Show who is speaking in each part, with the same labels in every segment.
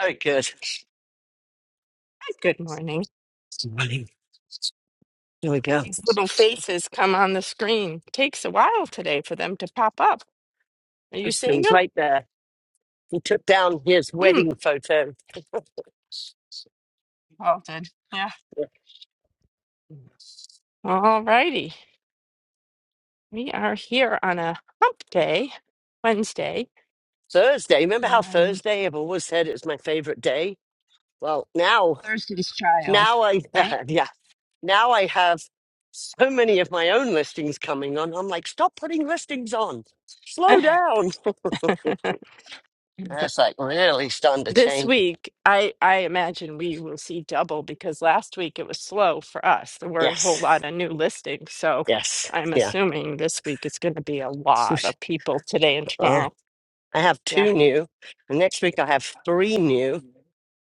Speaker 1: Very good.
Speaker 2: Good morning.
Speaker 1: Morning. Here we go.
Speaker 2: These little faces come on the screen. Takes a while today for them to pop up. Are you
Speaker 1: It
Speaker 2: seeing
Speaker 1: was
Speaker 2: them?
Speaker 1: right there. He took down his
Speaker 2: Mm.
Speaker 1: wedding photo.
Speaker 2: All did. Yeah. All righty. We are here on a hump day, Wednesday,
Speaker 1: Thursday. Remember how
Speaker 2: and
Speaker 1: Thursday I've always said it was my favorite day? Well, now,
Speaker 2: Thursday's child,
Speaker 1: now I,
Speaker 2: right?
Speaker 1: yeah, now I have so many of my own listings coming on. I'm like, stop putting listings on. Slow down. That's like really starting to
Speaker 2: This
Speaker 1: change.
Speaker 2: week, I I imagine we will see double because last week it was slow for us. There weren't a whole
Speaker 1: Yes.
Speaker 2: lot of new listings, so
Speaker 1: Yes.
Speaker 2: I'm
Speaker 1: Yeah.
Speaker 2: assuming this week it's going to be a lot
Speaker 1: Sush-
Speaker 2: of people today and
Speaker 1: Oh,
Speaker 2: tomorrow.
Speaker 1: I have
Speaker 2: Yeah.
Speaker 1: two new. And next week I have three new.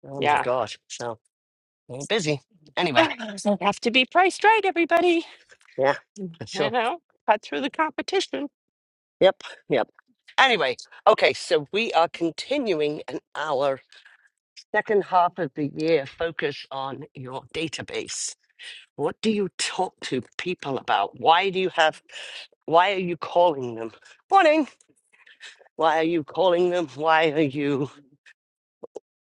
Speaker 1: Oh my
Speaker 2: Yeah.
Speaker 1: God. So. Ain't busy. Anyway,
Speaker 2: So have to be priced right, everybody.
Speaker 1: yeah, for
Speaker 2: You
Speaker 1: sure.
Speaker 2: know, cut through the competition.
Speaker 1: Yep, yep. Anyway, okay, so we are continuing in our second half of the year focus on your database. What do you talk to people about? Why do you have, why are you calling them? Morning. Why are you calling them? Why are you,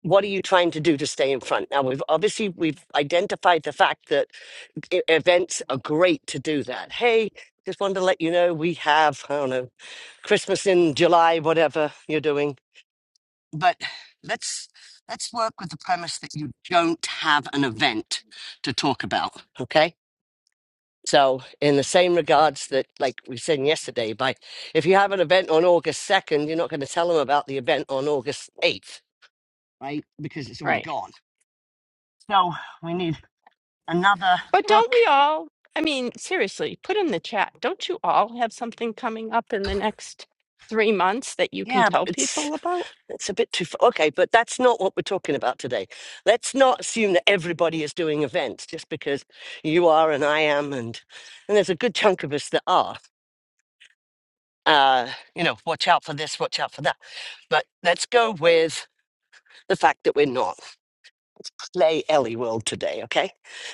Speaker 1: what are you trying to do to stay in front? Now, we've obviously, we've identified the fact that e- events are great to do that. Hey, just wanted to let you know we have, I don't know, Christmas in July, whatever you're doing. But let's let's work with the premise that you don't have an event to talk about. Okay. So in the same regards that like we said yesterday, by if you have an event on August second, you're not going to tell them about the event on August eighth, right? Because it's already
Speaker 2: Right.
Speaker 1: gone. So we need another
Speaker 2: But
Speaker 1: hook.
Speaker 2: don't we all, I mean, seriously, put in the chat, don't you all have something coming up in the next three months that you can
Speaker 1: Yeah, but
Speaker 2: tell
Speaker 1: it's
Speaker 2: people about?
Speaker 1: It's a bit too far. Okay, but that's not what we're talking about today. Let's not assume that everybody is doing events just because you are and I am, and and there's a good chunk of us that are. Uh, you know, watch out for this, watch out for that. But let's go with the fact that we're not Lay Ellie World today, okay?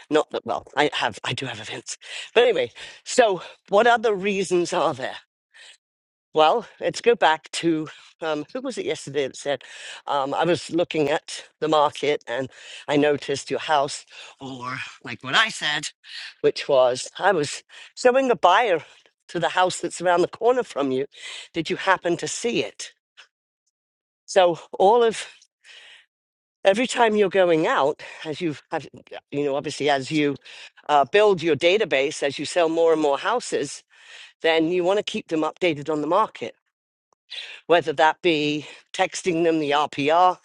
Speaker 1: Not that well, I have I do have events, but anyway. So, what other reasons are there? Well, let's go back to um, who was it yesterday that said, um, I was looking at the market and I noticed your house, or like what I said, which was, I was showing a buyer to the house that's around the corner from you. Did you happen to see it? So, all of every time you're going out, as you've had, you know, obviously, as you uh, build your database, as you sell more and more houses, then you want to keep them updated on the market. whether that be texting them the RPR,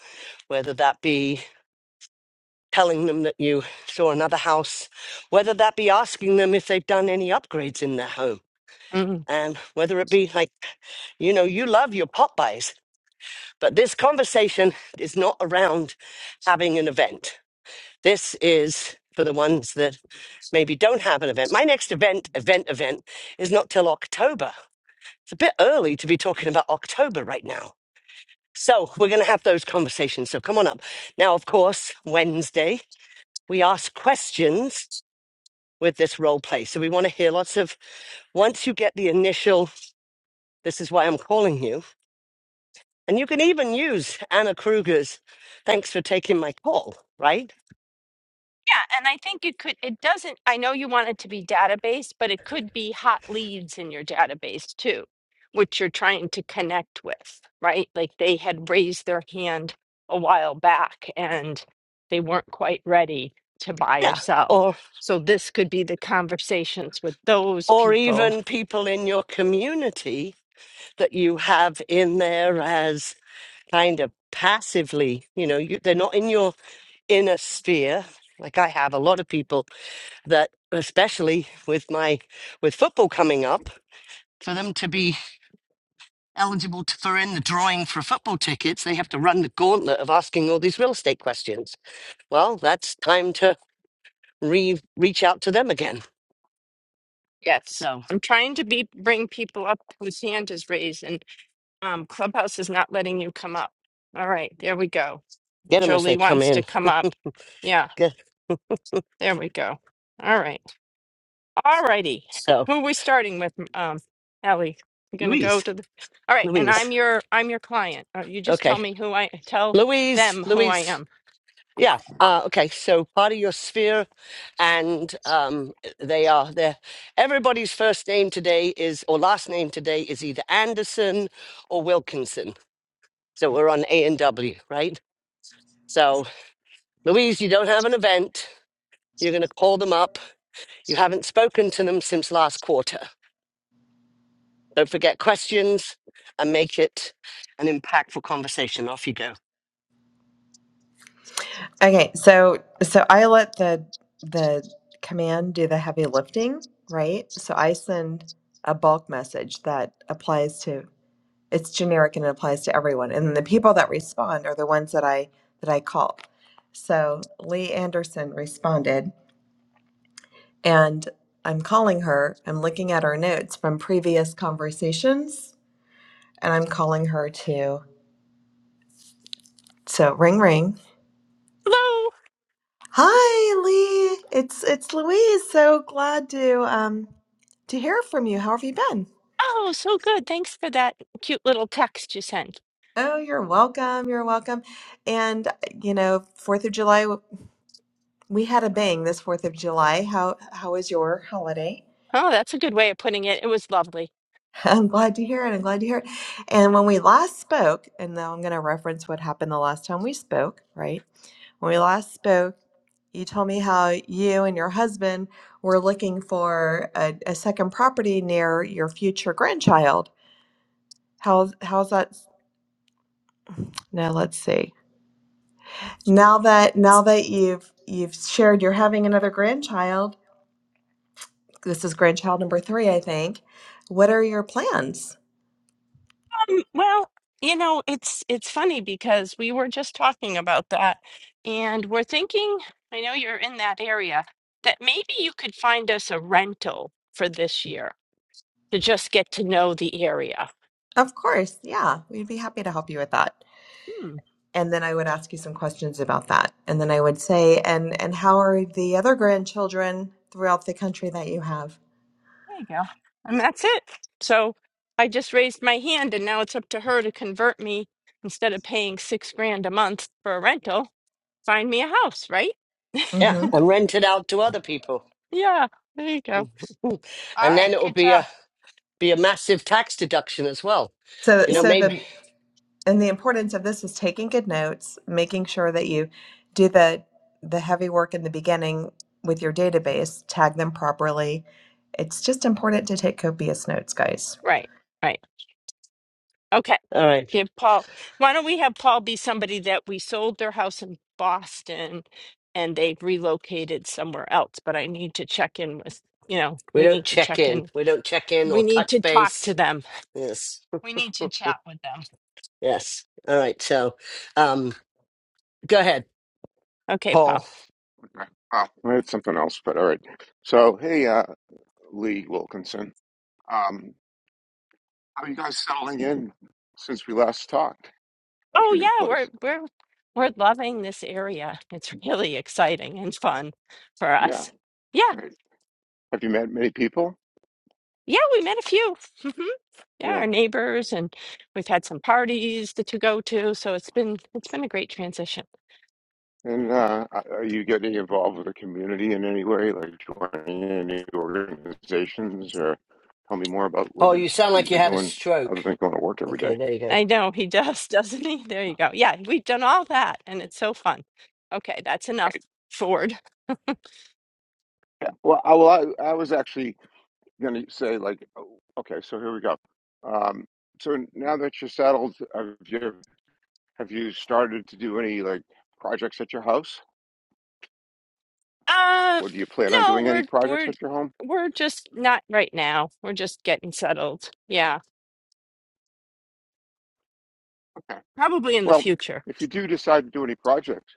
Speaker 1: whether that be telling them that you saw another house, whether that be asking them if they've done any upgrades in their home.
Speaker 2: Mm-hmm.
Speaker 1: And whether it be like, you know, you love your pop buys, but this conversation is not around having an event. This is for the ones that maybe don't have an event. My next event, event, event, is not till October. It's a bit early to be talking about October right now So we're going to have those conversations. So come on up. Now, of course, Wednesday, we ask questions with this role play. So we want to hear lots of, once you get the initial, this is why I'm calling you. And you can even use Anna Kruger's, thanks for taking my call, right?
Speaker 2: Yeah, and I think it could, it doesn't, I know you want it to be database, but it could be hot leads in your database too, which you're trying to connect with, right? Like they had raised their hand a while back and they weren't quite ready to buy or
Speaker 1: Yeah.
Speaker 2: sell.
Speaker 1: Or,
Speaker 2: So this could be the conversations with those
Speaker 1: or
Speaker 2: people.
Speaker 1: even people in your community that you have in there as kind of passively, you know, you, they're not in your inner sphere. Like I have a lot of people that especially with my with football coming up for them to be eligible to, for in the drawing for football tickets they have to run the gauntlet of asking all these real estate questions well that's time to re- reach out to them again
Speaker 2: Yes.
Speaker 1: so
Speaker 2: I'm trying to be bring people up whose hand is raised and um, Clubhouse is not letting you come up. All right, there we go.
Speaker 1: get them as
Speaker 2: Jolie
Speaker 1: they come
Speaker 2: wants to
Speaker 1: in
Speaker 2: come up. Yeah,
Speaker 1: Good.
Speaker 2: there we go. All right. All righty.
Speaker 1: so
Speaker 2: Who are we starting with, m- um, Ellie? We're gonna go
Speaker 1: louise
Speaker 2: to the. All right, and
Speaker 1: louise
Speaker 2: I'm your I'm your client. Uh, You just tell
Speaker 1: okay
Speaker 2: me who I tell
Speaker 1: louise
Speaker 2: them who I
Speaker 1: louise
Speaker 2: am.
Speaker 1: Yeah. Uh, okay. So part of your sphere, and um, they are there. Everybody's first name today is or last name today is either Anderson or Wilkinson. So we're on A and W, right? So Louise, you don't have an event. You're going to call them up. You haven't spoken to them since last quarter. Don't forget questions and make it an impactful conversation. Off you go.
Speaker 3: Okay, so so I let the the command do the heavy lifting, right? So I send a bulk message that applies to it's generic and it applies to everyone. And the people that respond are the ones that I that I call. So Lee Anderson responded and I'm calling her, I'm looking at her notes from previous conversations and I'm calling her to so ring ring
Speaker 2: Hello.
Speaker 3: Hi, Lee. It's it's Louise. So glad to um to hear from you. How have you been?
Speaker 2: Oh, so good. Thanks for that cute little text you sent.
Speaker 3: Oh, you're welcome. You're welcome. And uh, you know, Fourth of July, we had a bang this Fourth of July. How how was your holiday?
Speaker 2: Oh, that's a good way of putting it. It was lovely.
Speaker 3: I'm glad to hear it. I'm glad to hear it. And when we last spoke, and now I'm going to reference what happened the last time we spoke, right? When we last spoke. you told me how you and your husband were looking for a, a second property near your future grandchild. How's how's that? Now let's see. Now that now that you've you've shared you're having another grandchild. This is grandchild number three, I think. What are your plans?
Speaker 2: Um, Well, you know, it's it's funny because we were just talking about that, and we're thinking, I know you're in that area, that maybe you could find us a rental for this year to just get to know the area.
Speaker 3: Of course, yeah, we'd be happy to help you with that.
Speaker 2: Hmm,
Speaker 3: and then I would ask you some questions about that. And then I would say, and and how are the other grandchildren throughout the country that you have?
Speaker 2: there you go. And that's it. So I just raised my hand, and now it's up to her to convert me instead of paying six grand a month for a rental, find me a house, right?
Speaker 1: Yeah,
Speaker 3: hmm
Speaker 1: and rent it out to other people,
Speaker 2: Yeah, there you go. All
Speaker 1: and
Speaker 2: right,
Speaker 1: then it will
Speaker 2: good
Speaker 1: be
Speaker 2: job.
Speaker 1: a be a massive tax deduction as well.
Speaker 3: So
Speaker 1: You know,
Speaker 2: Yeah,
Speaker 3: so
Speaker 1: maybe.
Speaker 3: the and the importance of this is taking good notes making sure that you do the the heavy work in the beginning with your database tag them properly it's just important to take copious notes guys
Speaker 2: right, right. Okay.
Speaker 1: All right.
Speaker 2: Give Paul, why don't we have Paul be somebody that we sold their house in Boston and they've relocated somewhere else, but I need to check in with, you know,
Speaker 1: We
Speaker 2: we
Speaker 1: don't
Speaker 2: need to
Speaker 1: check
Speaker 2: check
Speaker 1: in.
Speaker 2: in.
Speaker 1: We don't check in
Speaker 2: We
Speaker 1: or
Speaker 2: need to
Speaker 1: touch
Speaker 2: talk to
Speaker 1: base.
Speaker 2: them.
Speaker 1: Yes.
Speaker 2: We need to chat with them.
Speaker 1: Yes. All right. So, um, go ahead,
Speaker 2: Okay, Paul.
Speaker 1: Paul.
Speaker 4: Oh, it's something else, but all right. So, hey, uh, Lee Wilkinson, um, how are you guys settling in since we last talked at
Speaker 2: Oh
Speaker 4: your new
Speaker 2: yeah, we're
Speaker 4: place?
Speaker 2: we're we're loving this area. It's really exciting and fun for
Speaker 4: Yeah,
Speaker 2: us. Yeah.
Speaker 4: right. Have you met many people?
Speaker 2: Yeah, we met a few. hmm Yeah,
Speaker 4: Yeah.
Speaker 2: our neighbors and we've had some parties that to go to, so it's been it's been a great transition.
Speaker 4: And uh, are you getting involved with the community in any way, like joining any organizations, or tell me more about what
Speaker 1: Paul,
Speaker 4: you
Speaker 1: you sound
Speaker 4: what you've
Speaker 1: like you
Speaker 4: been
Speaker 1: had a
Speaker 4: doing other
Speaker 1: stroke.
Speaker 4: than going to work every day?
Speaker 1: Okay. There you go.
Speaker 2: I know he does, doesn't he? There you go. Yeah, we've done all that and it's so fun. Okay, that's enough
Speaker 4: Right.
Speaker 2: Ford.
Speaker 4: Yeah. Well, I, well, I, I was actually going to say like, oh, okay, so here we go. Um, so now that you're settled, have you have you started to do any like projects at your house,
Speaker 2: Uh
Speaker 4: or do you plan on
Speaker 2: no,
Speaker 4: doing any
Speaker 2: we're
Speaker 4: projects
Speaker 2: we're
Speaker 4: at your home?
Speaker 2: we're just not right now. We're just getting settled. Yeah.
Speaker 4: Okay.
Speaker 2: Probably in the
Speaker 4: Well,
Speaker 2: future.
Speaker 4: if you do decide to do any projects,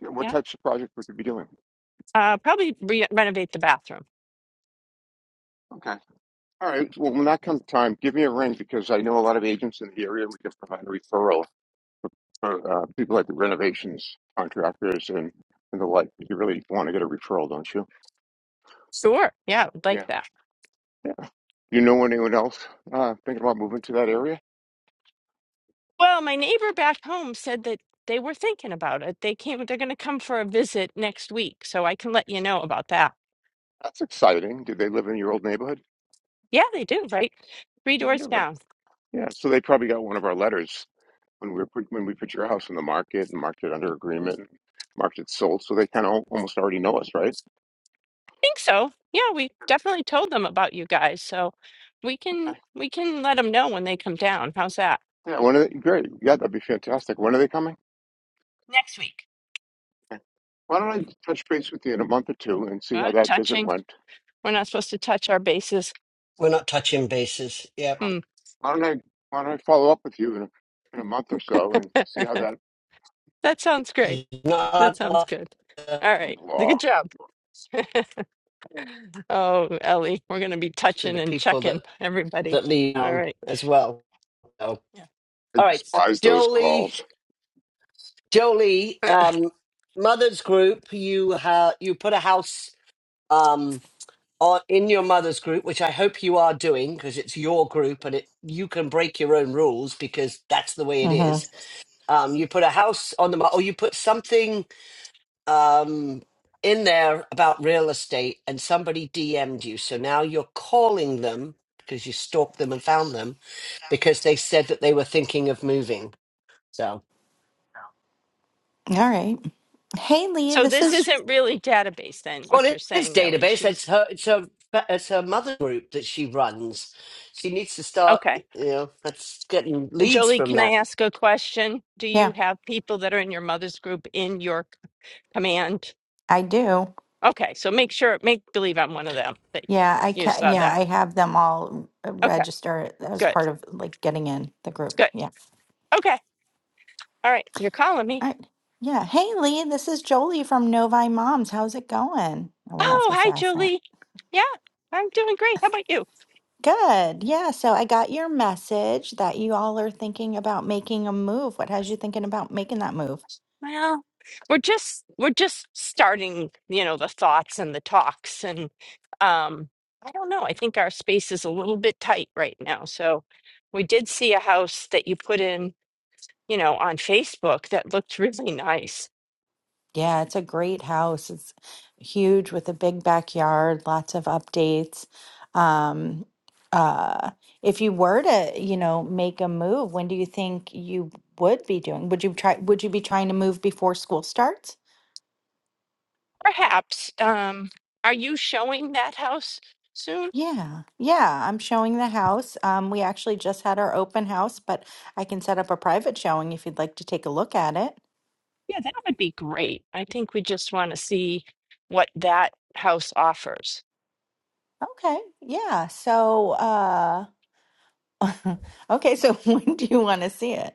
Speaker 4: yeah, what
Speaker 2: Yeah.
Speaker 4: types of projects would you be doing?
Speaker 2: Uh probably re- renovate the bathroom.
Speaker 4: Okay. All right. Well, when that comes time, give me a ring because I know a lot of agents in the area, and we can provide a referral for uh, people like the renovations contractors and and the like. You really want to get a referral, don't you?
Speaker 2: Sure. Yeah, would
Speaker 4: Yeah.
Speaker 2: like that.
Speaker 4: You know anyone else uh, thinking about moving to that area?
Speaker 2: Well, my neighbor back home said that they were thinking about it. They came they're going to come for a visit next week, so I can let you know about that.
Speaker 4: That's exciting. Do they live in your old neighborhood?
Speaker 2: Yeah, they do, right? Three
Speaker 4: I
Speaker 2: doors
Speaker 4: wonder.
Speaker 2: down.
Speaker 4: Yeah, so they probably got one of our letters when we were put, when we put your house in the market and marked it under agreement, and marked it sold. So they kind of almost already know us, right?
Speaker 2: think so. Yeah, we definitely told them about you guys, so we can
Speaker 4: Okay.
Speaker 2: we can let them know when they come down. How's that?
Speaker 4: Yeah. When are they, great. Yeah, that'd be fantastic. When are they coming?
Speaker 2: Next week.
Speaker 4: Okay. Why don't I touch base with you in a month or two and see how
Speaker 2: Uh,
Speaker 4: that visit
Speaker 2: touching.
Speaker 4: went?
Speaker 2: We're not supposed to touch our bases.
Speaker 1: We're not touching bases.
Speaker 4: Huh.
Speaker 1: Yep.
Speaker 2: Hmm.
Speaker 4: Why don't I Why don't I follow up with you in a, in a month or so and see how
Speaker 2: that
Speaker 4: that
Speaker 2: sounds great. That
Speaker 1: Not
Speaker 2: sounds good. All right.
Speaker 4: blah?
Speaker 2: Good job. oh, Ellie, we're going to be
Speaker 1: to
Speaker 2: touching
Speaker 1: the
Speaker 2: and
Speaker 1: people that
Speaker 2: checking everybody.
Speaker 1: that leave
Speaker 2: All
Speaker 1: town
Speaker 2: right.
Speaker 1: as well. So,
Speaker 2: Yeah.
Speaker 4: I
Speaker 1: all right,
Speaker 4: despise those
Speaker 1: Jolie.
Speaker 4: calls.
Speaker 1: Jolie, um, Mother's Group. You ha- you put a house. Um. on in your mother's group, which I hope you are doing because it's your group and it you can break your own rules because that's the way it is.
Speaker 5: Mm-hmm.
Speaker 1: Um, you put a house on the mar- or you put something um, in there about real estate, and somebody DM'd you. So now you're calling them because you stalked them and found them because they said that they were thinking of moving. So.
Speaker 5: All right. Hey, Lee,
Speaker 2: so
Speaker 5: this
Speaker 2: this
Speaker 5: is,
Speaker 2: isn't really database then,
Speaker 1: Well,
Speaker 2: what you're
Speaker 1: it is
Speaker 2: saying, Ellie.
Speaker 1: database. It's
Speaker 2: She's
Speaker 1: her. It's her. It's her mother group that she runs. She needs to start.
Speaker 2: okay.
Speaker 1: You know, that's getting leads
Speaker 2: Jolie,
Speaker 1: from
Speaker 2: can I
Speaker 1: that.
Speaker 2: ask a question? Do you
Speaker 5: yeah,
Speaker 2: have people that are in your mother's group in your c- command?
Speaker 5: I do.
Speaker 2: Okay, so make sure, make believe I'm one of them that
Speaker 5: Yeah, I
Speaker 2: you
Speaker 5: can,
Speaker 2: saw
Speaker 5: yeah,
Speaker 2: that.
Speaker 5: I have them all
Speaker 2: Okay,
Speaker 5: register as
Speaker 2: good,
Speaker 5: part of like getting in the group.
Speaker 2: good.
Speaker 5: Yeah.
Speaker 2: Okay, all right, you're calling me.
Speaker 5: All right. Yeah. Hey, Lee, this is Jolie from Novi Moms. How's it going? Oh, we're not
Speaker 2: Oh,
Speaker 5: supposed to
Speaker 2: hi,
Speaker 5: ask that.
Speaker 2: Jolie. Yeah, I'm doing great. How about you?
Speaker 5: Good. Yeah. So I got your message that you all are thinking about making a move. What has you thinking about making that move?
Speaker 2: Well, we're just we're just starting, you know, the thoughts and the talks and um I don't know. I think our space is a little bit tight right now. So we did see a house that you put in. you know, on Facebook that looked really nice.
Speaker 5: Yeah, it's a great house. It's huge with a big backyard, lots of updates. Um, uh, if you were to, you know, make a move, when do you think you would be doing? Would you try, would you be trying to move before school starts?
Speaker 2: Perhaps, um, are you showing that house soon?
Speaker 5: Yeah, yeah, I'm showing the house. Um, we actually just had our open house, but I can set up a private showing if you'd like to take a look at it.
Speaker 2: Yeah, that would be great. I think we just want to see what that house offers.
Speaker 5: Okay, yeah. So, uh, okay, so when do you want to see it?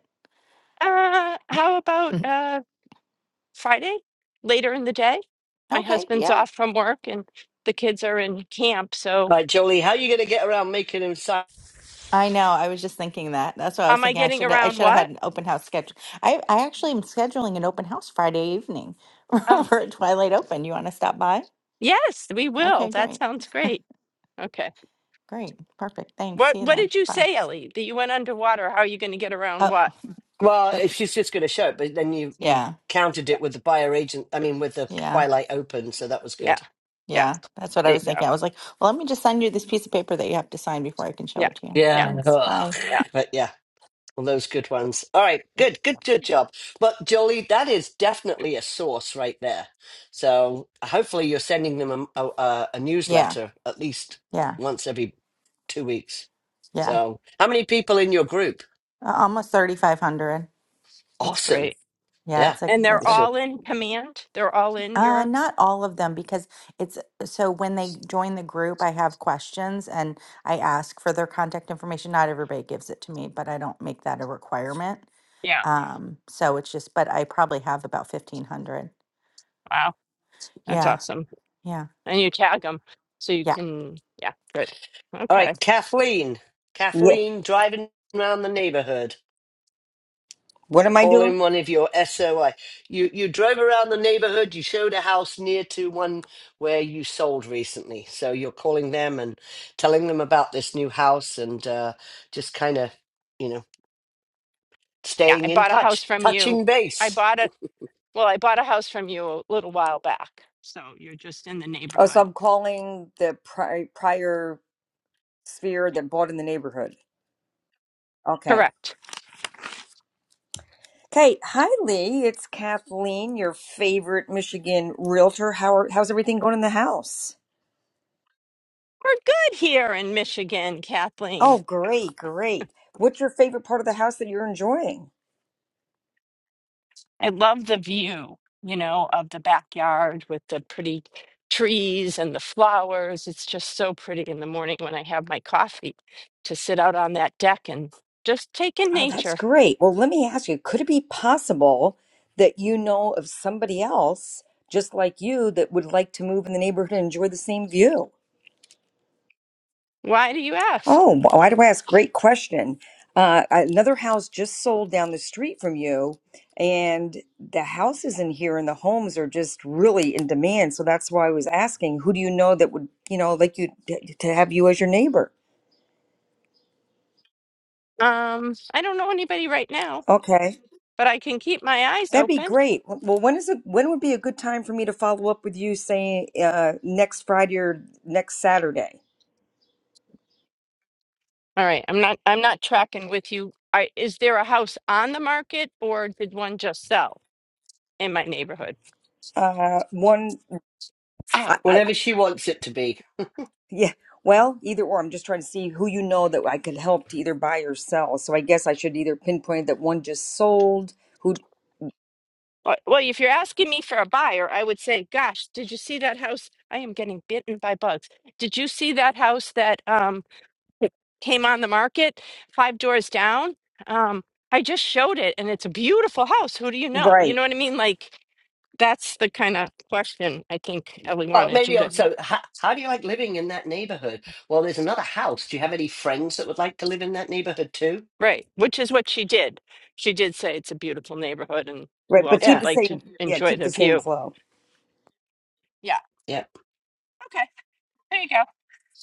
Speaker 2: Uh, how about uh, Friday, later in the day? My
Speaker 5: Okay,
Speaker 2: husband's
Speaker 5: yeah.
Speaker 2: off from work and the kids are in camp. So,
Speaker 1: Right, Jolie. How are you going to get around making him sign?
Speaker 5: I know. I was just thinking that. That's what I was
Speaker 2: am I
Speaker 5: thinking. I
Speaker 2: getting
Speaker 5: should I
Speaker 2: around
Speaker 5: should have
Speaker 2: what?
Speaker 5: had an open house schedule. I I actually am scheduling an open house Friday evening
Speaker 2: Oh,
Speaker 5: for Twilight Open. You want to stop by?
Speaker 2: yes, we will.
Speaker 5: Okay,
Speaker 2: That
Speaker 5: great.
Speaker 2: sounds great. Okay.
Speaker 5: Great. Perfect. Thanks.
Speaker 2: What
Speaker 5: See you
Speaker 2: What
Speaker 5: then.
Speaker 2: did you
Speaker 5: Bye.
Speaker 2: say, Ellie? That you went underwater? How are you going to get around
Speaker 5: Oh,
Speaker 2: what?
Speaker 1: Well,
Speaker 5: the,
Speaker 1: if she's just going to show it, but then you you
Speaker 5: yeah.
Speaker 1: countered it with the buyer agent. I mean, with the
Speaker 5: Yeah.
Speaker 1: Twilight Open, so that was
Speaker 2: Yeah.
Speaker 1: good.
Speaker 2: Yeah.
Speaker 5: Yeah. That's what
Speaker 2: There
Speaker 5: I was
Speaker 2: you go.
Speaker 5: thinking. I was like, well, let me just send you this piece of paper that you have to sign before I can show
Speaker 2: Yeah.
Speaker 5: it to you.
Speaker 2: Yeah.
Speaker 1: Yeah.
Speaker 5: Thanks.
Speaker 1: Ugh.
Speaker 5: Bye.
Speaker 2: Yeah.
Speaker 1: But yeah. All those good ones. All right, good, good, good job. But Jolie, that is definitely a source right there. So hopefully you're sending them a, a, a
Speaker 5: Yeah.
Speaker 1: newsletter at least
Speaker 5: Yeah.
Speaker 1: once every two weeks.
Speaker 5: Yeah.
Speaker 1: So how many people in your group?
Speaker 5: Uh, Almost 3500.
Speaker 2: That's
Speaker 1: Awesome.
Speaker 2: great.
Speaker 5: Yeah,
Speaker 1: Yeah,
Speaker 5: it's a
Speaker 2: And they're
Speaker 5: it's a
Speaker 1: sure.
Speaker 2: all in command. They're all in
Speaker 5: Uh,
Speaker 2: your.
Speaker 5: not all of them because it's so when they join the group, I have questions and I ask for their contact information. Not everybody gives it to me, but I don't make that a requirement.
Speaker 2: Yeah.
Speaker 5: Um, so it's just, but I probably have about 1500.
Speaker 2: Wow. That's
Speaker 5: Yeah.
Speaker 2: awesome.
Speaker 5: Yeah.
Speaker 2: And you tag them so you
Speaker 5: Yeah.
Speaker 2: can. Yeah. Good.
Speaker 1: All
Speaker 2: Okay.
Speaker 1: right, Kathleen.
Speaker 6: Yeah.
Speaker 1: Kathleen driving around the neighborhood.
Speaker 6: What am I
Speaker 1: Call
Speaker 6: doing?
Speaker 1: in one of your SOI. You you drove around the neighborhood. You showed a house near to one where you sold recently. So you're calling them and telling them about this new house and uh, just kind of you know
Speaker 2: Yeah.
Speaker 1: staying
Speaker 2: I
Speaker 1: in
Speaker 2: bought a house
Speaker 1: touch,
Speaker 2: from you.
Speaker 1: touching
Speaker 2: I
Speaker 1: base,
Speaker 2: bought a. Well, I bought a house from you a little while back. So you're just in the
Speaker 6: Oh, so
Speaker 2: neighborhood.
Speaker 6: I'm calling the pri- prior sphere that bought in the neighborhood. Okay.
Speaker 2: Correct.
Speaker 6: Okay. Hi, Lee. It's Kathleen, your favorite Michigan realtor. How are, how's everything going in the house?
Speaker 2: We're good here in Michigan, Kathleen.
Speaker 6: Oh, great, great. What's your favorite part of the house that you're enjoying?
Speaker 2: I love the view, you know, of the backyard with the pretty trees and the flowers. It's just so pretty in the morning when I have my coffee to sit out on that deck and just take in
Speaker 6: Oh, that's
Speaker 2: nature.
Speaker 6: great. Well, let me ask you, could it be possible that you know of somebody else just like you that would like to move in the neighborhood and enjoy the same view?
Speaker 2: Why do you ask?
Speaker 6: Oh, why do I ask? Great question. Uh, another house just sold down the street from you, and the houses in here and the homes are just really in demand. So that's why I was asking, who do you know that would, you know, like you to have you as your neighbor?
Speaker 2: Um, I don't know anybody right now,
Speaker 6: Okay,
Speaker 2: but I can keep my eyes
Speaker 6: that'd be
Speaker 2: open.
Speaker 6: great. Well, when is it? When would be a good time for me to follow up with you, saying uh, next Friday or next Saturday?
Speaker 2: All right, I'm not I'm not tracking with you. I, is there a house on the market or did one just sell in my neighborhood?
Speaker 6: Uh, one.
Speaker 2: Ow.
Speaker 1: whatever she wants it to be.
Speaker 6: Yeah. Well, either or. I'm just trying to see who you know that I could help to either buy or sell. So I guess I should either pinpoint that one just sold, who,
Speaker 2: Uh, Well, if you're asking me for a buyer, I would say, "Gosh, did you see that house? I am getting bitten by bugs. Did you see that house that um came on the market five doors down? Um, I just showed it, and it's a beautiful house. Who do you know? You
Speaker 6: Right.
Speaker 2: know what I mean? Like that's the kind of question I think Ellie
Speaker 1: Well,
Speaker 2: wanted you
Speaker 1: maybe
Speaker 2: to,
Speaker 1: also, how, how do you like living in that neighborhood? Well, there's another house. Do you have any friends that would like to live in that neighborhood too?
Speaker 2: right? Which is what she did. She did say it's a beautiful neighborhood, and who
Speaker 6: right? But
Speaker 2: else
Speaker 6: keep
Speaker 2: would
Speaker 1: Yeah,
Speaker 6: the
Speaker 2: like to
Speaker 6: same, yeah,
Speaker 2: enjoy
Speaker 6: keep
Speaker 2: the
Speaker 6: the same
Speaker 2: view?
Speaker 6: flow.
Speaker 2: Yeah.
Speaker 1: yeah.
Speaker 2: Okay. There you go.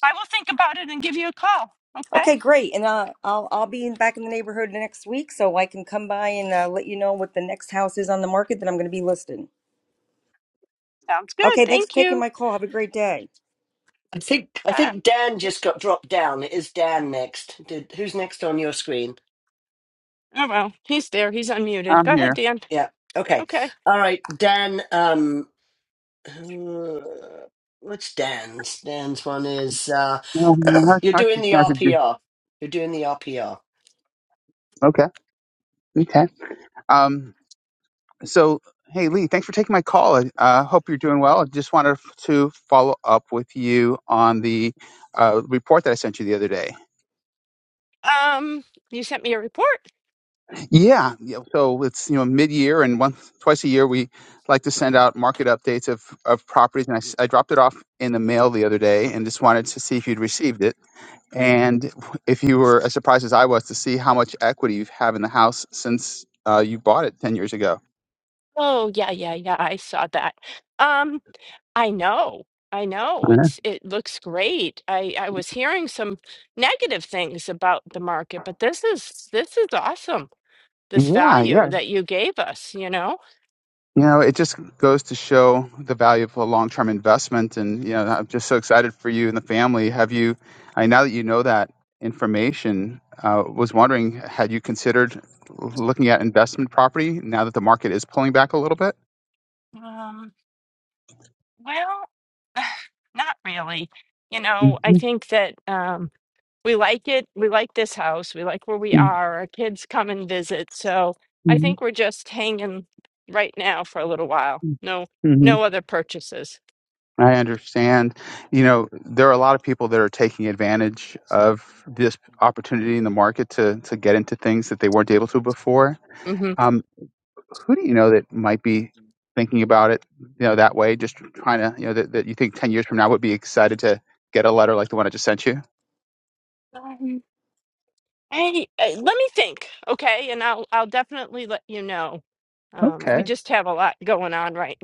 Speaker 2: I will think about it and give you a call. Okay.
Speaker 6: Okay, great. And uh, I'll I'll be in, back in the neighborhood next week, so I can come by and uh, let you know what the next house is on the market that I'm going to be listing.
Speaker 2: Sounds good.
Speaker 6: Okay, thanks for
Speaker 2: Thank
Speaker 6: taking
Speaker 2: you.
Speaker 6: my call. Have a great day.
Speaker 1: I think I
Speaker 2: Ah,
Speaker 1: think Dan just got dropped down. It is Dan next. Did who's next on your screen?
Speaker 2: oh well, he's there. He's unmuted. Go
Speaker 7: I'm
Speaker 2: ahead,
Speaker 7: here.
Speaker 2: Dan.
Speaker 1: Yeah. Okay.
Speaker 2: Okay.
Speaker 1: All right, Dan. Um, uh, what's Dan's? Dan's one is uh,
Speaker 7: Well, I,
Speaker 1: you're
Speaker 7: I
Speaker 1: doing
Speaker 7: can
Speaker 1: the
Speaker 7: I can do.
Speaker 1: RPR. You're doing the RPR.
Speaker 7: Okay. Okay. Um. So, hey, Lee, thanks for taking my call. I uh, hope you're doing well. I just wanted to follow up with you on the uh, report that I sent you the other day.
Speaker 2: Um, you sent me a report.
Speaker 7: Yeah. yeah, So it's you know mid-year, and once twice a year we like to send out market updates of of properties, and I, s- I dropped it off in the mail the other day, and just wanted to see if you'd received it. And if you were as surprised as I was to see how much equity you have in the house since uh, you bought it 10 years ago.
Speaker 2: Oh yeah, yeah, yeah. I saw that. Um, I know. I know.
Speaker 7: Uh-huh.
Speaker 2: It's it looks great. I I was hearing some negative things about the market, but this is this is awesome. This
Speaker 7: Yeah,
Speaker 2: value
Speaker 7: yeah.
Speaker 2: that you gave us, you know?
Speaker 7: You know, it just goes to show the value of a long term investment. And, you know, I'm just so excited for you and the family. Have you, I now that you know that information, uh, was wondering, had you considered looking at investment property now that the market is pulling back a little bit?
Speaker 2: Um, well, not really. You know, I think that um we like it. We like this house. We like where we are. Our kids come and visit. So I think we're just hanging right now for a little while. No,
Speaker 7: hmm
Speaker 2: no other purchases.
Speaker 7: I understand. You know, there are a lot of people that are taking advantage of this opportunity in the market to to get into things that they weren't able to before.
Speaker 2: hmm
Speaker 7: Um, who do you know that might be thinking about it, you know, that way, just trying to, you know, that, that you think 10 years from now would be excited to get a letter like the one I just sent you?
Speaker 2: Um, hey, hey, let me think, okay? And I'll I'll definitely let you know. Um,
Speaker 7: Okay.
Speaker 2: we just have a lot going on right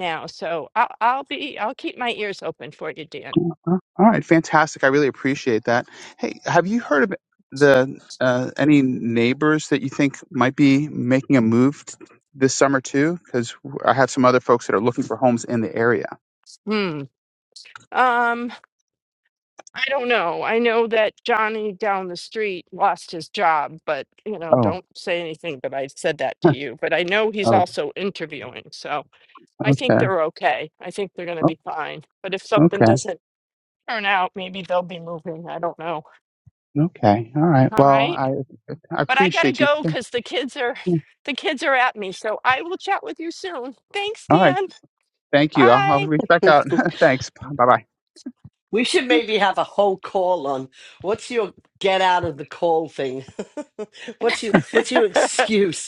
Speaker 7: Uh-huh. All right, fantastic. I really appreciate that. Hey, have you heard of the uh, any neighbors that you think might be making a move t- this summer too? Because I have some other folks that are looking for homes in the area.
Speaker 2: I don't know. I know that Johnny down the street lost his job, but you know,
Speaker 7: Oh,
Speaker 2: don't say anything But I said that to you. But I know he's
Speaker 7: oh,
Speaker 2: also interviewing, so I think
Speaker 7: okay,
Speaker 2: they're okay. I think they're going to
Speaker 7: oh,
Speaker 2: be fine. But if something
Speaker 7: okay,
Speaker 2: doesn't turn out, maybe they'll be moving. I don't know.
Speaker 7: okay. All right.
Speaker 2: All
Speaker 7: Well,
Speaker 2: right.
Speaker 7: I I
Speaker 2: But I got to
Speaker 7: appreciate you.
Speaker 2: go cuz the kids are the kids are at me. So I will chat with you soon. Thanks,
Speaker 7: All right.
Speaker 2: Dan.
Speaker 7: Thank you. I'll, I'll
Speaker 2: Bye.
Speaker 7: reach back out. Thanks. Bye bye.
Speaker 1: We should maybe have a whole call on what's your get out of the call thing. what's your what's your excuse?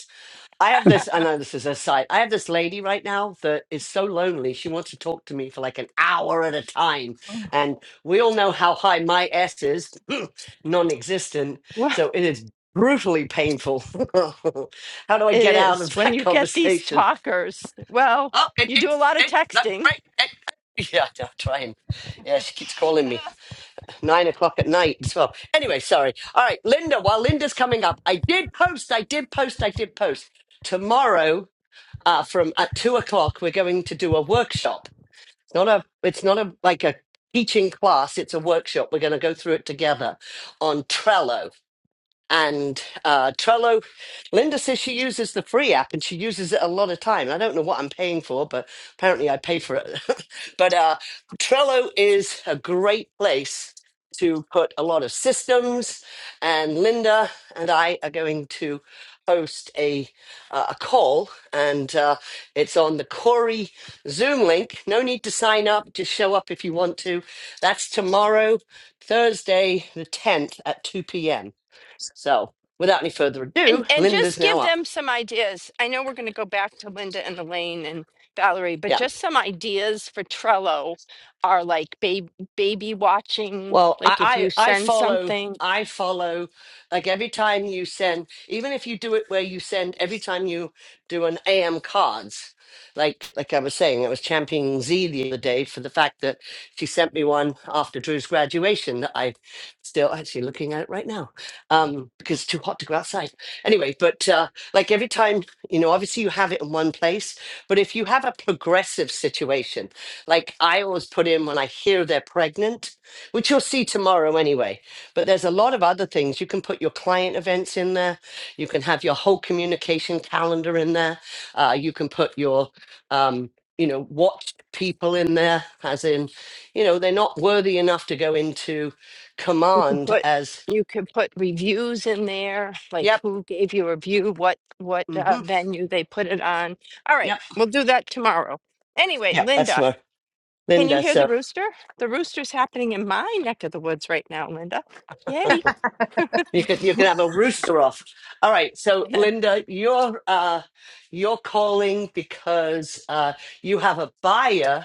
Speaker 1: I have this, I know this is a side. I have this lady right now that is so lonely. She wants to talk to me for like an hour at a time. And we all know how high my S is non existent.
Speaker 2: Oh.
Speaker 1: So it is brutally painful. how do I
Speaker 2: It
Speaker 1: get out
Speaker 2: is.
Speaker 1: of
Speaker 2: When
Speaker 1: that
Speaker 2: you get these
Speaker 1: conversation?
Speaker 2: talkers, well,
Speaker 1: Oh, it,
Speaker 2: you do a
Speaker 1: it's
Speaker 2: lot of
Speaker 1: it, that
Speaker 2: texting.
Speaker 1: break. It, it. Yeah, I'll try and. Yeah, she keeps calling me nine o'clock at night as well. Anyway, sorry. All right, Linda, while Linda's coming up, I did post, I did post, I did post. Tomorrow, uh, from at two o'clock we're going to do a workshop it's not a it's not a like a teaching class it's a workshop we're going to go through it together on trello and uh, Trello. Linda says she uses the free app and she uses it a lot of time. I don't know what I'm paying for, but apparently I pay for it. but uh, Trello is a great place to put a lot of systems. And Linda and I are going to host a uh, a call, and uh, it's on the Corey Zoom link. No need to sign up; just show up if you want to. That's tomorrow, Thursday the tenth at two p.m. So without any further
Speaker 2: And
Speaker 1: ado,
Speaker 2: and just
Speaker 1: Linda's now
Speaker 2: give
Speaker 1: up.
Speaker 2: them some ideas. I know we're going to go back to Linda and Elaine and Valerie,
Speaker 1: Yeah.
Speaker 2: but just some ideas for Trello are like baby baby watching.
Speaker 1: Well,
Speaker 2: Like if you
Speaker 1: I, I I
Speaker 2: send
Speaker 1: follow
Speaker 2: something,
Speaker 1: I follow like every time you send even if you do it where you send every time you do an AM cards, like like I was saying, I was championing Z the other day for the fact that she sent me one after Drew's graduation that I still actually looking at it right now. Um, because it's too hot to go outside. Anyway, but uh like every time, you know, obviously you have it in one place, but if you have a progressive situation, like I always put in when I hear they're pregnant which you'll see tomorrow anyway. But there's a lot of other things. You can put your client events in there. You can have your whole communication calendar in there. Uh, you can put your, um, you know, watch people in there, as in, you know, they're not worthy enough to go into
Speaker 2: you could
Speaker 1: command
Speaker 2: put
Speaker 1: as,
Speaker 2: you could put reviews in there, like
Speaker 1: yep,
Speaker 2: who gave you a review, what what uh,
Speaker 1: hmm
Speaker 2: venue they put it on. All right,
Speaker 1: yep,
Speaker 2: we'll do that tomorrow. Anyway,
Speaker 1: yep, that's
Speaker 2: Linda,
Speaker 1: my
Speaker 2: Can you
Speaker 1: Linda.
Speaker 2: hear the
Speaker 1: So
Speaker 2: rooster? The rooster's happening in my neck of the woods right now, Linda. Yay.
Speaker 1: you could you could have a rooster off. All right, so Linda, you're uh, you're calling because uh, you have a buyer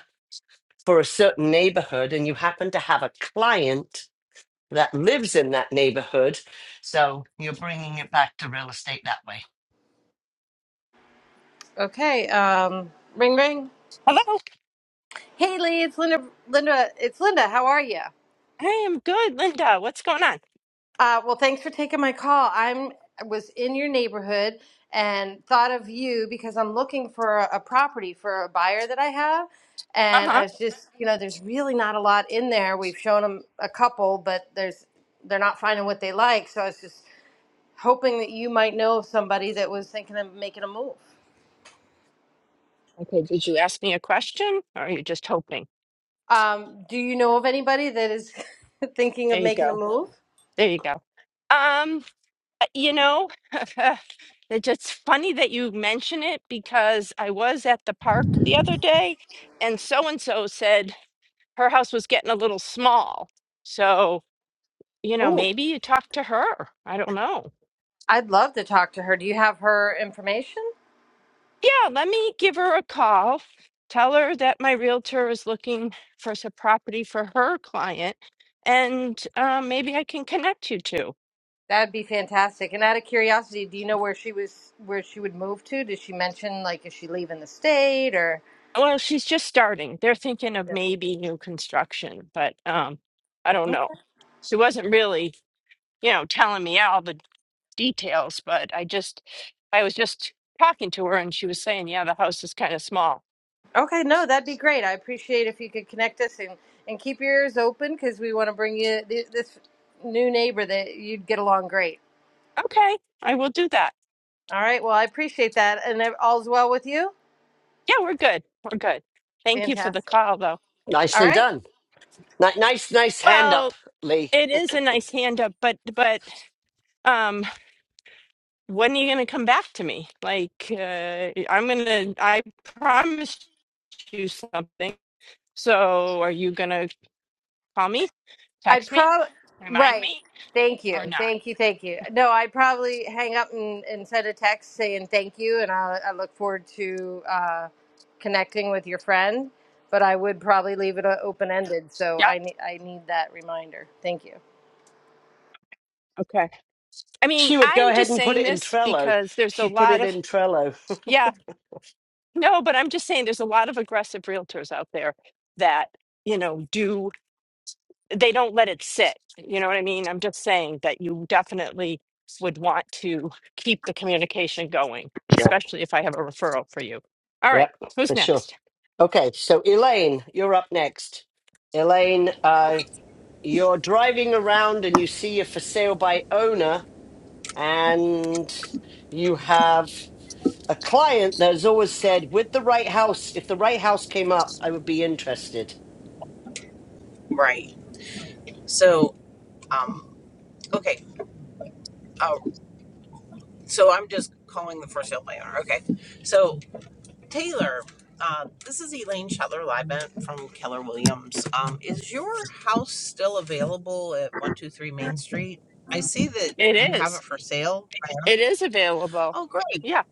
Speaker 1: for a certain neighborhood and you happen to have a client that lives in that neighborhood. So you're bringing it back to real estate that way.
Speaker 8: Okay. Um, ring, ring.
Speaker 2: Hello.
Speaker 8: Hey, Lee. It's Linda. Linda. It's Linda. How are you?
Speaker 2: I am good, Linda. What's going on?
Speaker 8: Uh, well, thanks for taking my call. I'm I was in your neighborhood and thought of you because I'm looking for a, a property for a buyer that I have,
Speaker 2: Uh
Speaker 8: and I
Speaker 2: huh.
Speaker 8: was just, you know, there's really not a lot in there. We've shown them a couple, but there's they're not finding what they like. So I was just hoping that you might know of somebody that was thinking of making a move.
Speaker 2: Okay. Did you ask me a question or are you just hoping?
Speaker 8: Um, do you know of anybody that is thinking of
Speaker 2: There you
Speaker 8: making a
Speaker 2: go.
Speaker 8: move?
Speaker 2: There you go. Um, uh, you know, it's just funny that you mention it because I was at the park the other day and so and so said her house was getting a little small. So, you know,
Speaker 8: Oh,
Speaker 2: maybe you talk to her. I don't know.
Speaker 8: I'd love to talk to her. Do you have her information?
Speaker 2: Yeah, let me give her a call. Tell her that my realtor is looking for some property for her client, and uh, maybe I can connect you two.
Speaker 8: That'd be fantastic. And out of curiosity, do you know where she was, where she would move to? Did she mention like is she leaving the state or?
Speaker 2: Well, she's just starting. They're thinking of
Speaker 8: Yeah.
Speaker 2: maybe new construction, but um, I don't know. She wasn't really, you know, telling me all the details, but I just, I was just talking to her, and she was saying, "Yeah, the house is kind of small."
Speaker 8: Okay, no, that'd be great. I appreciate if you could connect us and and keep your ears open because we want to bring you th- this new neighbor that you'd get along great.
Speaker 2: Okay, I will do that.
Speaker 8: All right. Well, I appreciate that, and all's well with you.
Speaker 2: Yeah, we're good. We're good. Thank you for the
Speaker 8: Fantastic.
Speaker 2: call, though.
Speaker 8: All
Speaker 1: Nicely
Speaker 8: right.
Speaker 1: done. Ni- Nice, nice hand
Speaker 2: Well,
Speaker 1: up, Lee.
Speaker 2: it is a nice hand up, but but um, when are you gonna come back to me? Like uh, I'm gonna, I promised you something. So are you gonna call me,
Speaker 8: I
Speaker 2: text me,
Speaker 8: probably
Speaker 2: remind
Speaker 8: right.
Speaker 2: me,
Speaker 8: Thank
Speaker 2: or
Speaker 8: you,
Speaker 2: not?
Speaker 8: thank you, thank you. No, I probably hang up and, and send a text saying thank you, and I, I look forward to uh, connecting with your friend. But I would probably leave it open ended, so
Speaker 2: Yeah.
Speaker 8: I need I need that reminder. Thank you.
Speaker 2: Okay. I mean,
Speaker 1: She would go
Speaker 2: I'm
Speaker 1: ahead
Speaker 2: just
Speaker 1: and put
Speaker 2: saying
Speaker 1: it in
Speaker 2: this
Speaker 1: Trello.
Speaker 2: because there's a
Speaker 1: She put
Speaker 2: lot
Speaker 1: it
Speaker 2: of
Speaker 1: in Trello.
Speaker 2: yeah, no, but I'm just saying there's a lot of aggressive realtors out there that you know do they don't let it sit. You know what I mean? I'm just saying that you definitely would want to keep the communication going,
Speaker 1: yeah,
Speaker 2: especially if I have a referral for you. All
Speaker 1: yeah,
Speaker 2: right, who's
Speaker 1: for sure.
Speaker 2: next?
Speaker 1: Okay, so Elaine, you're up next. Elaine, uh, you're driving around and you see a for sale by owner and you have a client that has always said, with the right house, if the right house came up, I would be interested.
Speaker 9: Right. So, um, okay. Uh, so I'm just calling the for sale by owner. Okay. So Taylor, uh, this is Elaine Shetler Libent from Keller Williams. Um, is your house still available at 123 Main Street? I see that
Speaker 2: It
Speaker 9: you have
Speaker 2: is.
Speaker 9: it for sale. I am.
Speaker 2: It is available.
Speaker 9: Oh, great.
Speaker 2: Yeah.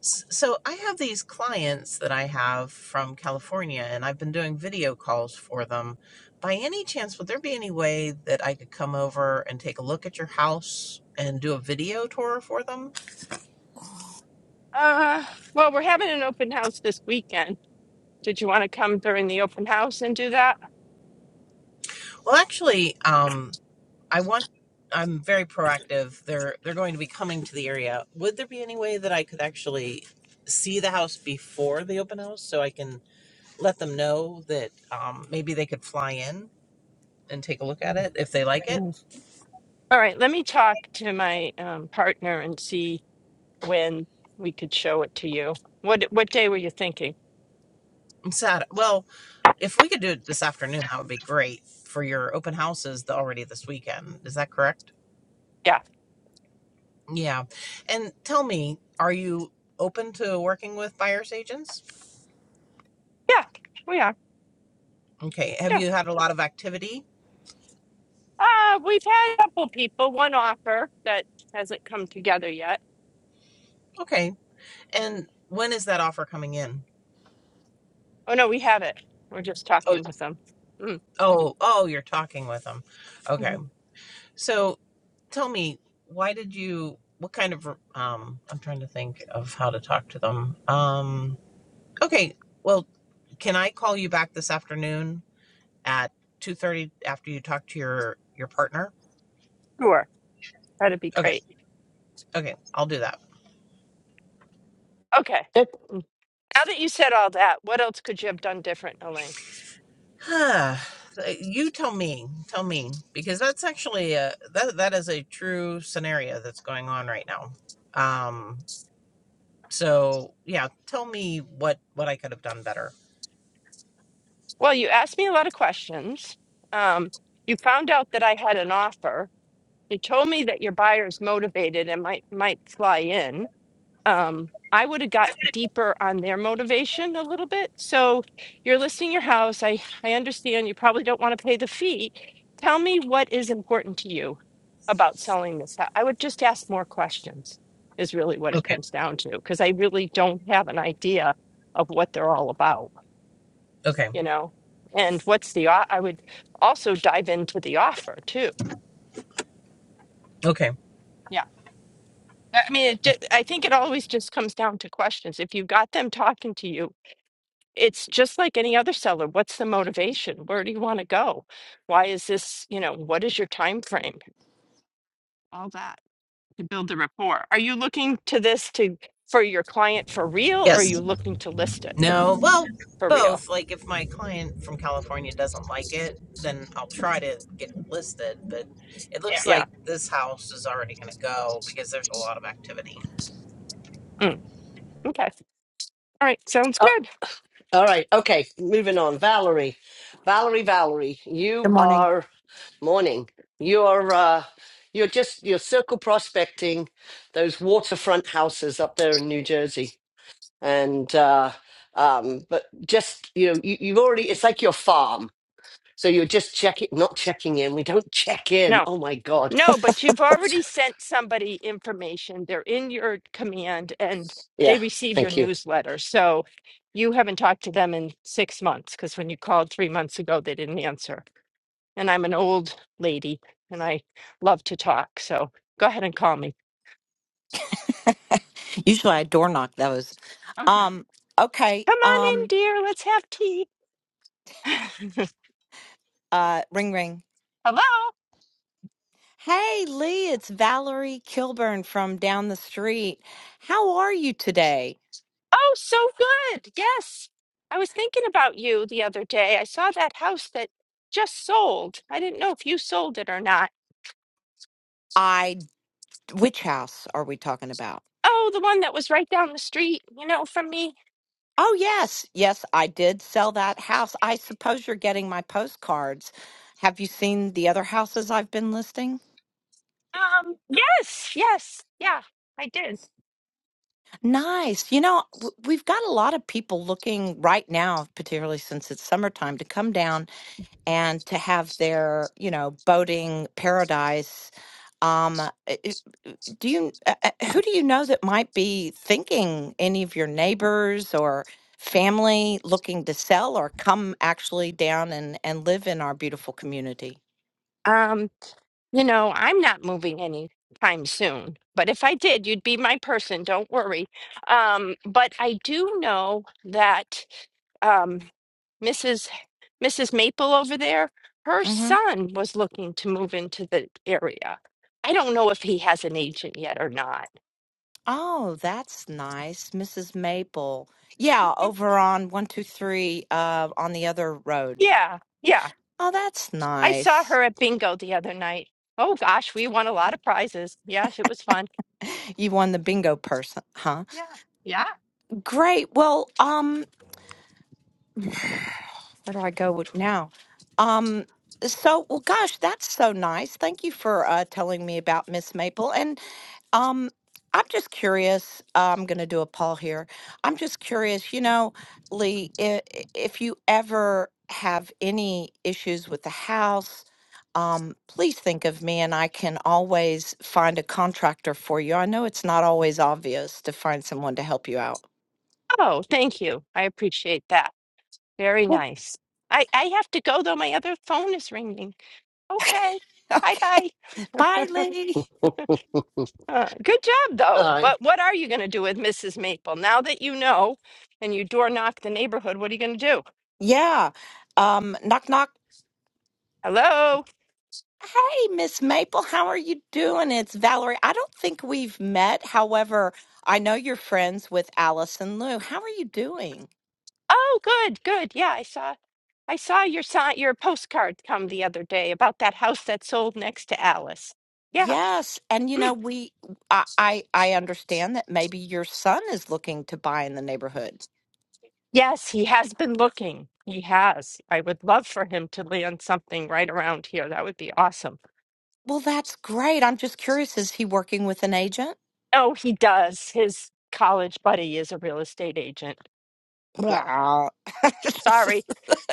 Speaker 9: S- So I have these clients that I have from California, and I've been doing video calls for them. By any chance, would there be any way that I could come over and take a look at your house and do a video tour for them?
Speaker 2: Uh, well, we're having an open house this weekend. Did you want to come during the open house and do that?
Speaker 9: Well, actually, um, I want. I'm very proactive. They're they're going to be coming to the area. Would there be any way that I could actually see the house before the open house so I can let them know that um, maybe they could fly in and take a look at
Speaker 2: Mm,
Speaker 9: it if they like it?
Speaker 2: Yes. All right, let me talk to my um, partner and see when we could show it to you. What what day were you thinking?
Speaker 9: I'm sad. Well, If we could do it this afternoon, that would be great for your open houses the, already this weekend. Is that correct?
Speaker 2: Yeah.
Speaker 9: Yeah. And tell me, are you open to working with buyer's agents?
Speaker 2: Yeah, we are.
Speaker 9: Okay.
Speaker 2: Yeah.
Speaker 9: Have you had a lot of activity?
Speaker 2: Uh, we've had a couple people, one offer that hasn't come together yet.
Speaker 9: Okay. And when is that offer coming in?
Speaker 2: Oh no, we have it. We're just
Speaker 9: Oh,
Speaker 2: talking with them. Mm,
Speaker 9: oh, oh, you're talking with them. Okay.
Speaker 2: mhm.
Speaker 9: So tell me, why did you, what kind of, um, I'm trying to think of how to talk to them. Um, okay. Well, can I call you back this afternoon? at 2.30 after you talk to your your partner
Speaker 2: Sure, that'd be
Speaker 9: okay
Speaker 2: great.
Speaker 9: okay i'll do that
Speaker 2: Okay.
Speaker 1: Yep.
Speaker 2: Mm. Now that you said all that, what else could you have done different, Elaine?
Speaker 9: Huh. you tell me tell me because that's actually a that, that is a true scenario that's going on right now um so yeah tell me what what i could have done better
Speaker 2: Well, you asked me a lot of questions. Um, you found out that I had an offer. You told me that your buyer's motivated and might might fly in. um, I would have got deeper on their motivation a little bit. So you're listing your house. I, I understand you probably don't want to pay the fee. Tell me what is important to you about selling this house. I would just ask more questions, is really what it
Speaker 9: okay
Speaker 2: comes down to, because I really don't have an idea of what they're all about,
Speaker 9: okay
Speaker 2: you know? And what's the, o- I would also dive into the offer too.
Speaker 9: okay
Speaker 2: Yeah. I I mean, it, ju- I think it always just comes down to questions. If you got them talking to you, it's just like any other seller. What's the motivation? Where do you want to go? Why is this, you know, what is your time frame? All that to build the rapport. Are you looking to this to for your client for real or are
Speaker 9: yes
Speaker 2: you looking to list it
Speaker 9: No, well,
Speaker 2: for real?
Speaker 9: both. Like if my client from California doesn't like it, then I'll try to get it listed. But it Yeah. looks Yeah.
Speaker 2: Yeah.
Speaker 9: like this house is already going to go because there's a lot of activity.
Speaker 2: Mm, Okay. All right. Sounds
Speaker 1: Uh,
Speaker 2: good.
Speaker 1: all right. Okay. Moving on. Valerie, Valerie, Valerie,
Speaker 10: Good
Speaker 1: you
Speaker 10: morning.
Speaker 1: are morning. You're uh, you're just you're circle prospecting those waterfront houses up there in New Jersey. and uh, um, but just you know you, you've already it's like your farm so you're just checking not checking in we don't check in
Speaker 2: No.
Speaker 1: oh my god
Speaker 2: No, but you've already sent somebody information. They're in your command and
Speaker 1: yeah
Speaker 2: they receive your
Speaker 1: thank you
Speaker 2: newsletter. So you haven't talked to them in six months because when you called three months ago, they didn't answer. and I'm an old lady and I love to talk. So go ahead and call me.
Speaker 10: Usually I door knock those.
Speaker 2: Okay.
Speaker 10: Um, okay.
Speaker 2: Come on in,
Speaker 10: Um,
Speaker 2: dear. Let's have tea. Hello.
Speaker 10: uh, ring ring. Hey Lee, it's Valerie Kilburn from down the street. How are you today?
Speaker 2: Oh, so good. Yes. I was thinking about you the other day. I saw that house that just sold. I didn't know if you sold it or not.
Speaker 10: I, which house are we talking about?
Speaker 2: Oh, the one that was right down the street, you know, from me.
Speaker 10: Oh, yes. Yes, I did sell that house. I suppose you're getting my postcards. Have you seen the other houses I've been listing?
Speaker 2: Um, yes, yes. Yeah, I did.
Speaker 10: Nice. You know, w- we've got a lot of people looking right now, particularly since it's summertime, to come down and to have their you know boating paradise um i- i- do you uh, uh, who do you know that might be thinking any of your neighbors or family looking to sell or come actually down and and live in our beautiful community
Speaker 2: Um. You know, I'm not moving anytime soon, but if I did, you'd be my person. Don't worry. Um, but I do know that um, Mrs. Mrs. Maple over there, her
Speaker 10: Mm-hmm.
Speaker 2: son was looking to move into the area. I don't know if he has an agent yet or not.
Speaker 10: Oh, that's nice, Mrs. Maple. Yeah,
Speaker 2: Mhm.
Speaker 10: over on 123 uh on the other road.
Speaker 2: Yeah, yeah.
Speaker 10: Oh, that's
Speaker 2: I saw
Speaker 10: nice.
Speaker 2: her at bingo the other night. Oh gosh, we won a lot of prizes. Yes, it was fun.
Speaker 10: You won the bingo person, huh?
Speaker 2: Yeah, yeah.
Speaker 10: Great. Well, um where do I go with now? Um so well gosh, that's so nice. Thank you for uh telling me about Miss Maple. And Um, I'm just curious. uh, I'm going to do a poll here. I'm just curious, you know, Lee, i- if you ever have any issues with the house, um, please think of me and I can always find a contractor for you. I know it's not always obvious to find someone to help you out.
Speaker 2: Oh, thank you. I appreciate that. Very nice. I, I have to go though. My other phone is ringing. Okay. Bye
Speaker 10: Okay.
Speaker 2: bye.
Speaker 10: Bye, Lee.
Speaker 1: all
Speaker 2: Uh, good job though.
Speaker 1: right
Speaker 2: But what are you going to do with Mrs. Maple now that you know and you door knock the neighborhood? What are you going to do?
Speaker 10: Yeah. Um, knock, knock.
Speaker 2: Hello.
Speaker 10: Hey, Miss Maple, how are you doing? It's Valerie. I don't think we've met. However, I know you're friends with Allison Lou. How are you doing?
Speaker 2: Oh, good, good. Yeah, I saw I saw your sign, your postcard come the other day about that house that sold next to Alice. Yeah.
Speaker 10: Yes, and you
Speaker 2: Mm.
Speaker 10: know we I, I I understand that maybe your son is looking to buy in the neighborhood.
Speaker 2: Yes, he has been looking. He has. I would love for him to land something right around here. That would be awesome.
Speaker 10: Well, that's great. I'm just curious, is he working with an agent?
Speaker 2: Oh, he does. His college buddy is a real estate agent. Yeah.
Speaker 10: Blah.
Speaker 2: Sorry.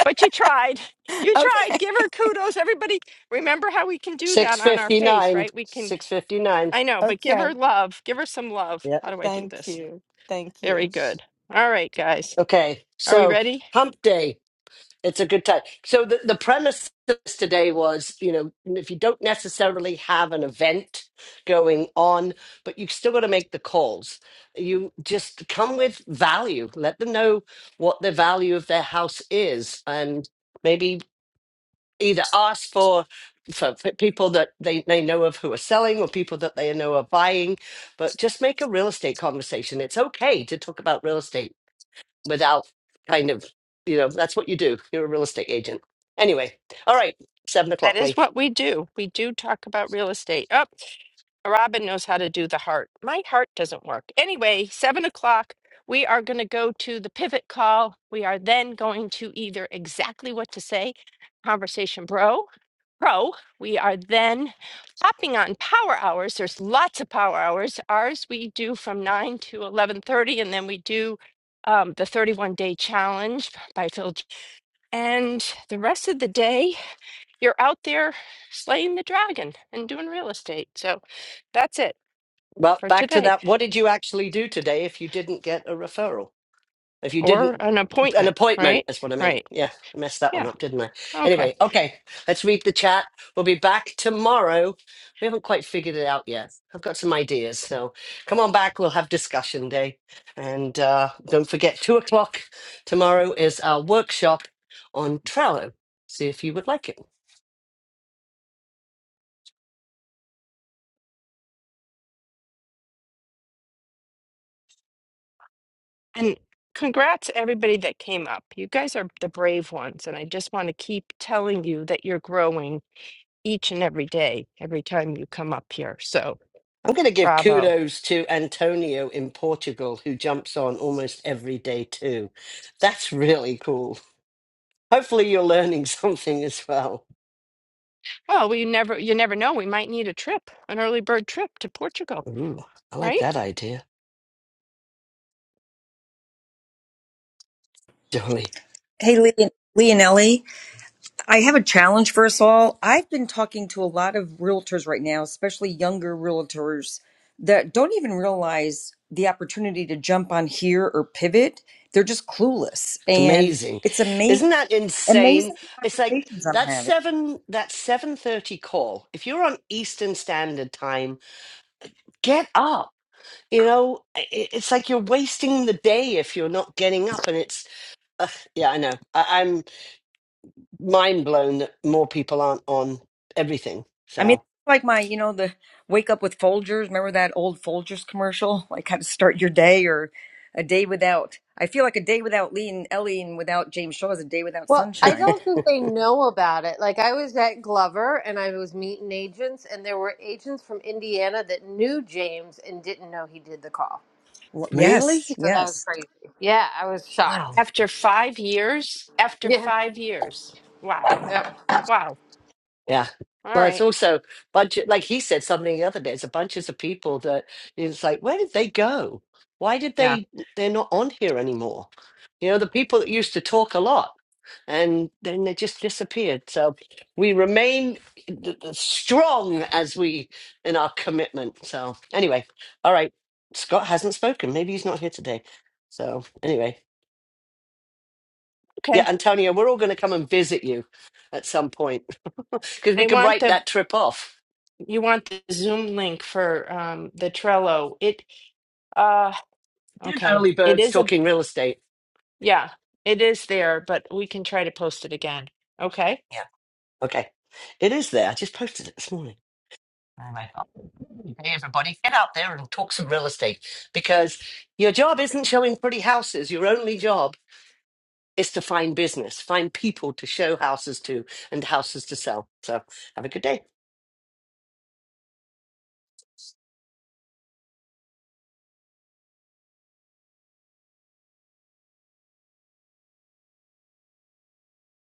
Speaker 2: But you tried. You
Speaker 10: okay.
Speaker 2: tried. Give her kudos. Everybody, remember how we can do that on our face,
Speaker 1: 659
Speaker 2: right? We can,
Speaker 1: 659
Speaker 2: I know, but give
Speaker 10: Okay.
Speaker 2: her love. Give her some love.
Speaker 1: yeah
Speaker 2: How do I do
Speaker 10: Thank
Speaker 2: this?
Speaker 10: you. Thank
Speaker 2: Very
Speaker 10: you.
Speaker 2: good. All right, guys.
Speaker 1: okay
Speaker 2: Are we
Speaker 1: so
Speaker 2: ready?
Speaker 1: hump day It's a good time. So the, the premise today was, you know, if you don't necessarily have an event going on, but you still got to make the calls. You just come with value. Let them know what the value of their house is, and maybe either ask for for p- people that they, they know of who are selling or people that they know are buying but just make a real estate conversation it's okay to talk about real estate without kind of, you know, that's what you do. You're a real estate agent. Anyway, all right, seven
Speaker 2: That
Speaker 1: o'clock,
Speaker 2: is
Speaker 1: Lee.
Speaker 2: what we do. We do talk about real estate. Oh, Robin knows how to do the heart. My heart doesn't work. Anyway, seven o'clock, we are going to go to the pivot call. We are then going to either exactly what to say, conversation bro, pro. We are then hopping on power hours. There's lots of power hours. Ours we do from nine to eleven thirty, and then we do um, the 31 day challenge by Phil. J- And the rest of the day, you're out there slaying the dragon and doing real estate. So that's it
Speaker 1: Well,
Speaker 2: for
Speaker 1: back to
Speaker 2: today
Speaker 1: that. What did you actually do today if you didn't get a referral? If you
Speaker 2: or
Speaker 1: didn't,
Speaker 2: an
Speaker 1: an
Speaker 2: appointment,
Speaker 1: appointment
Speaker 2: right?
Speaker 1: is what I meant.
Speaker 2: Right.
Speaker 1: Yeah, I messed that one
Speaker 2: Yeah.
Speaker 1: up, didn't I?
Speaker 2: Okay.
Speaker 1: Anyway, okay, let's read the chat. We'll be back tomorrow. We haven't quite figured it out yet. I've got some ideas. So come on back. We'll have discussion day. And uh, don't forget, two o'clock tomorrow is our workshop on Trello. See if you would like it.
Speaker 2: And congrats to everybody that came up. You guys are the brave ones. And I just want to keep telling you that you're growing each and every day, every time you come up here. So
Speaker 1: I'm going to give
Speaker 2: bravo.
Speaker 1: kudos to Antonio in Portugal, who jumps on almost every day too. That's really cool. Hopefully, you're learning something as well.
Speaker 2: Well, we never, you never know. We might need a trip, an early bird trip to Portugal,
Speaker 1: Ooh, I like
Speaker 2: right?
Speaker 1: that idea, Dolly.
Speaker 6: Hey, Leon- Leonelli, I have a challenge for us all. I've been talking to a lot of realtors right now, especially younger realtors that don't even realize the opportunity to jump on here or pivot. They're just clueless.
Speaker 1: It's
Speaker 6: And
Speaker 1: amazing,
Speaker 6: it's amazing,
Speaker 1: isn't that insane?
Speaker 6: amazing
Speaker 1: It's like
Speaker 6: conversations I'm
Speaker 1: that
Speaker 6: having.
Speaker 1: seven that seven thirty call. If you're on Eastern Standard Time, get up. You know, i- i- it's like you're wasting the day if you're not getting up. And it's uh, yeah, I know. I, I'm mind blown that more people aren't on everything.
Speaker 6: I mean,
Speaker 1: So
Speaker 6: like my, you know, the wake up with Folgers. Remember that old Folgers commercial? Like how to start your day or a day without. I feel like a day without Lee and Ellie and without James Shaw is a day without
Speaker 8: Well, I
Speaker 6: sunshine.
Speaker 8: don't think they know about it. Like I was at Glover and I was meeting agents, and there were agents from Indiana that knew James and didn't know he did the call.
Speaker 6: Well,
Speaker 1: really,
Speaker 6: yes,
Speaker 8: So that was
Speaker 6: yes.
Speaker 8: crazy. Yeah, I was
Speaker 1: wow.
Speaker 8: shocked.
Speaker 2: After five years, after
Speaker 8: Yeah.
Speaker 2: five years. Wow.
Speaker 8: Yep.
Speaker 2: Wow.
Speaker 1: Yeah.
Speaker 2: All
Speaker 1: Well, it's
Speaker 2: right.
Speaker 1: also bunch of, like he said something the other day, it's a bunches of people that it's like, where did they go? Why did
Speaker 2: Yeah.
Speaker 1: they they're not on here anymore? You know, the people that used to talk a lot and then they just disappeared. So we remain th- th- strong as we in our commitment. So anyway, all right. Scott hasn't spoken. Maybe he's not here today. So anyway. Yeah,
Speaker 2: Okay.
Speaker 1: Antonio, we're all going to come and visit you at some point because we
Speaker 2: They
Speaker 1: can
Speaker 2: want
Speaker 1: write
Speaker 2: the
Speaker 1: that trip off.
Speaker 2: You want the Zoom link for um the Trello. It uh
Speaker 1: Didn't
Speaker 2: okay.
Speaker 1: early
Speaker 2: It
Speaker 1: birds
Speaker 2: is a
Speaker 1: talking real estate?
Speaker 2: yeah, it is there, but we can try to post it again. Okay.
Speaker 1: Yeah. Okay. It is there. I just posted it this morning. Anyway, hey everybody, get out there and talk some real estate because your job isn't showing pretty houses. Your only job is to find business, find people to show houses to and houses to sell. So have a good day.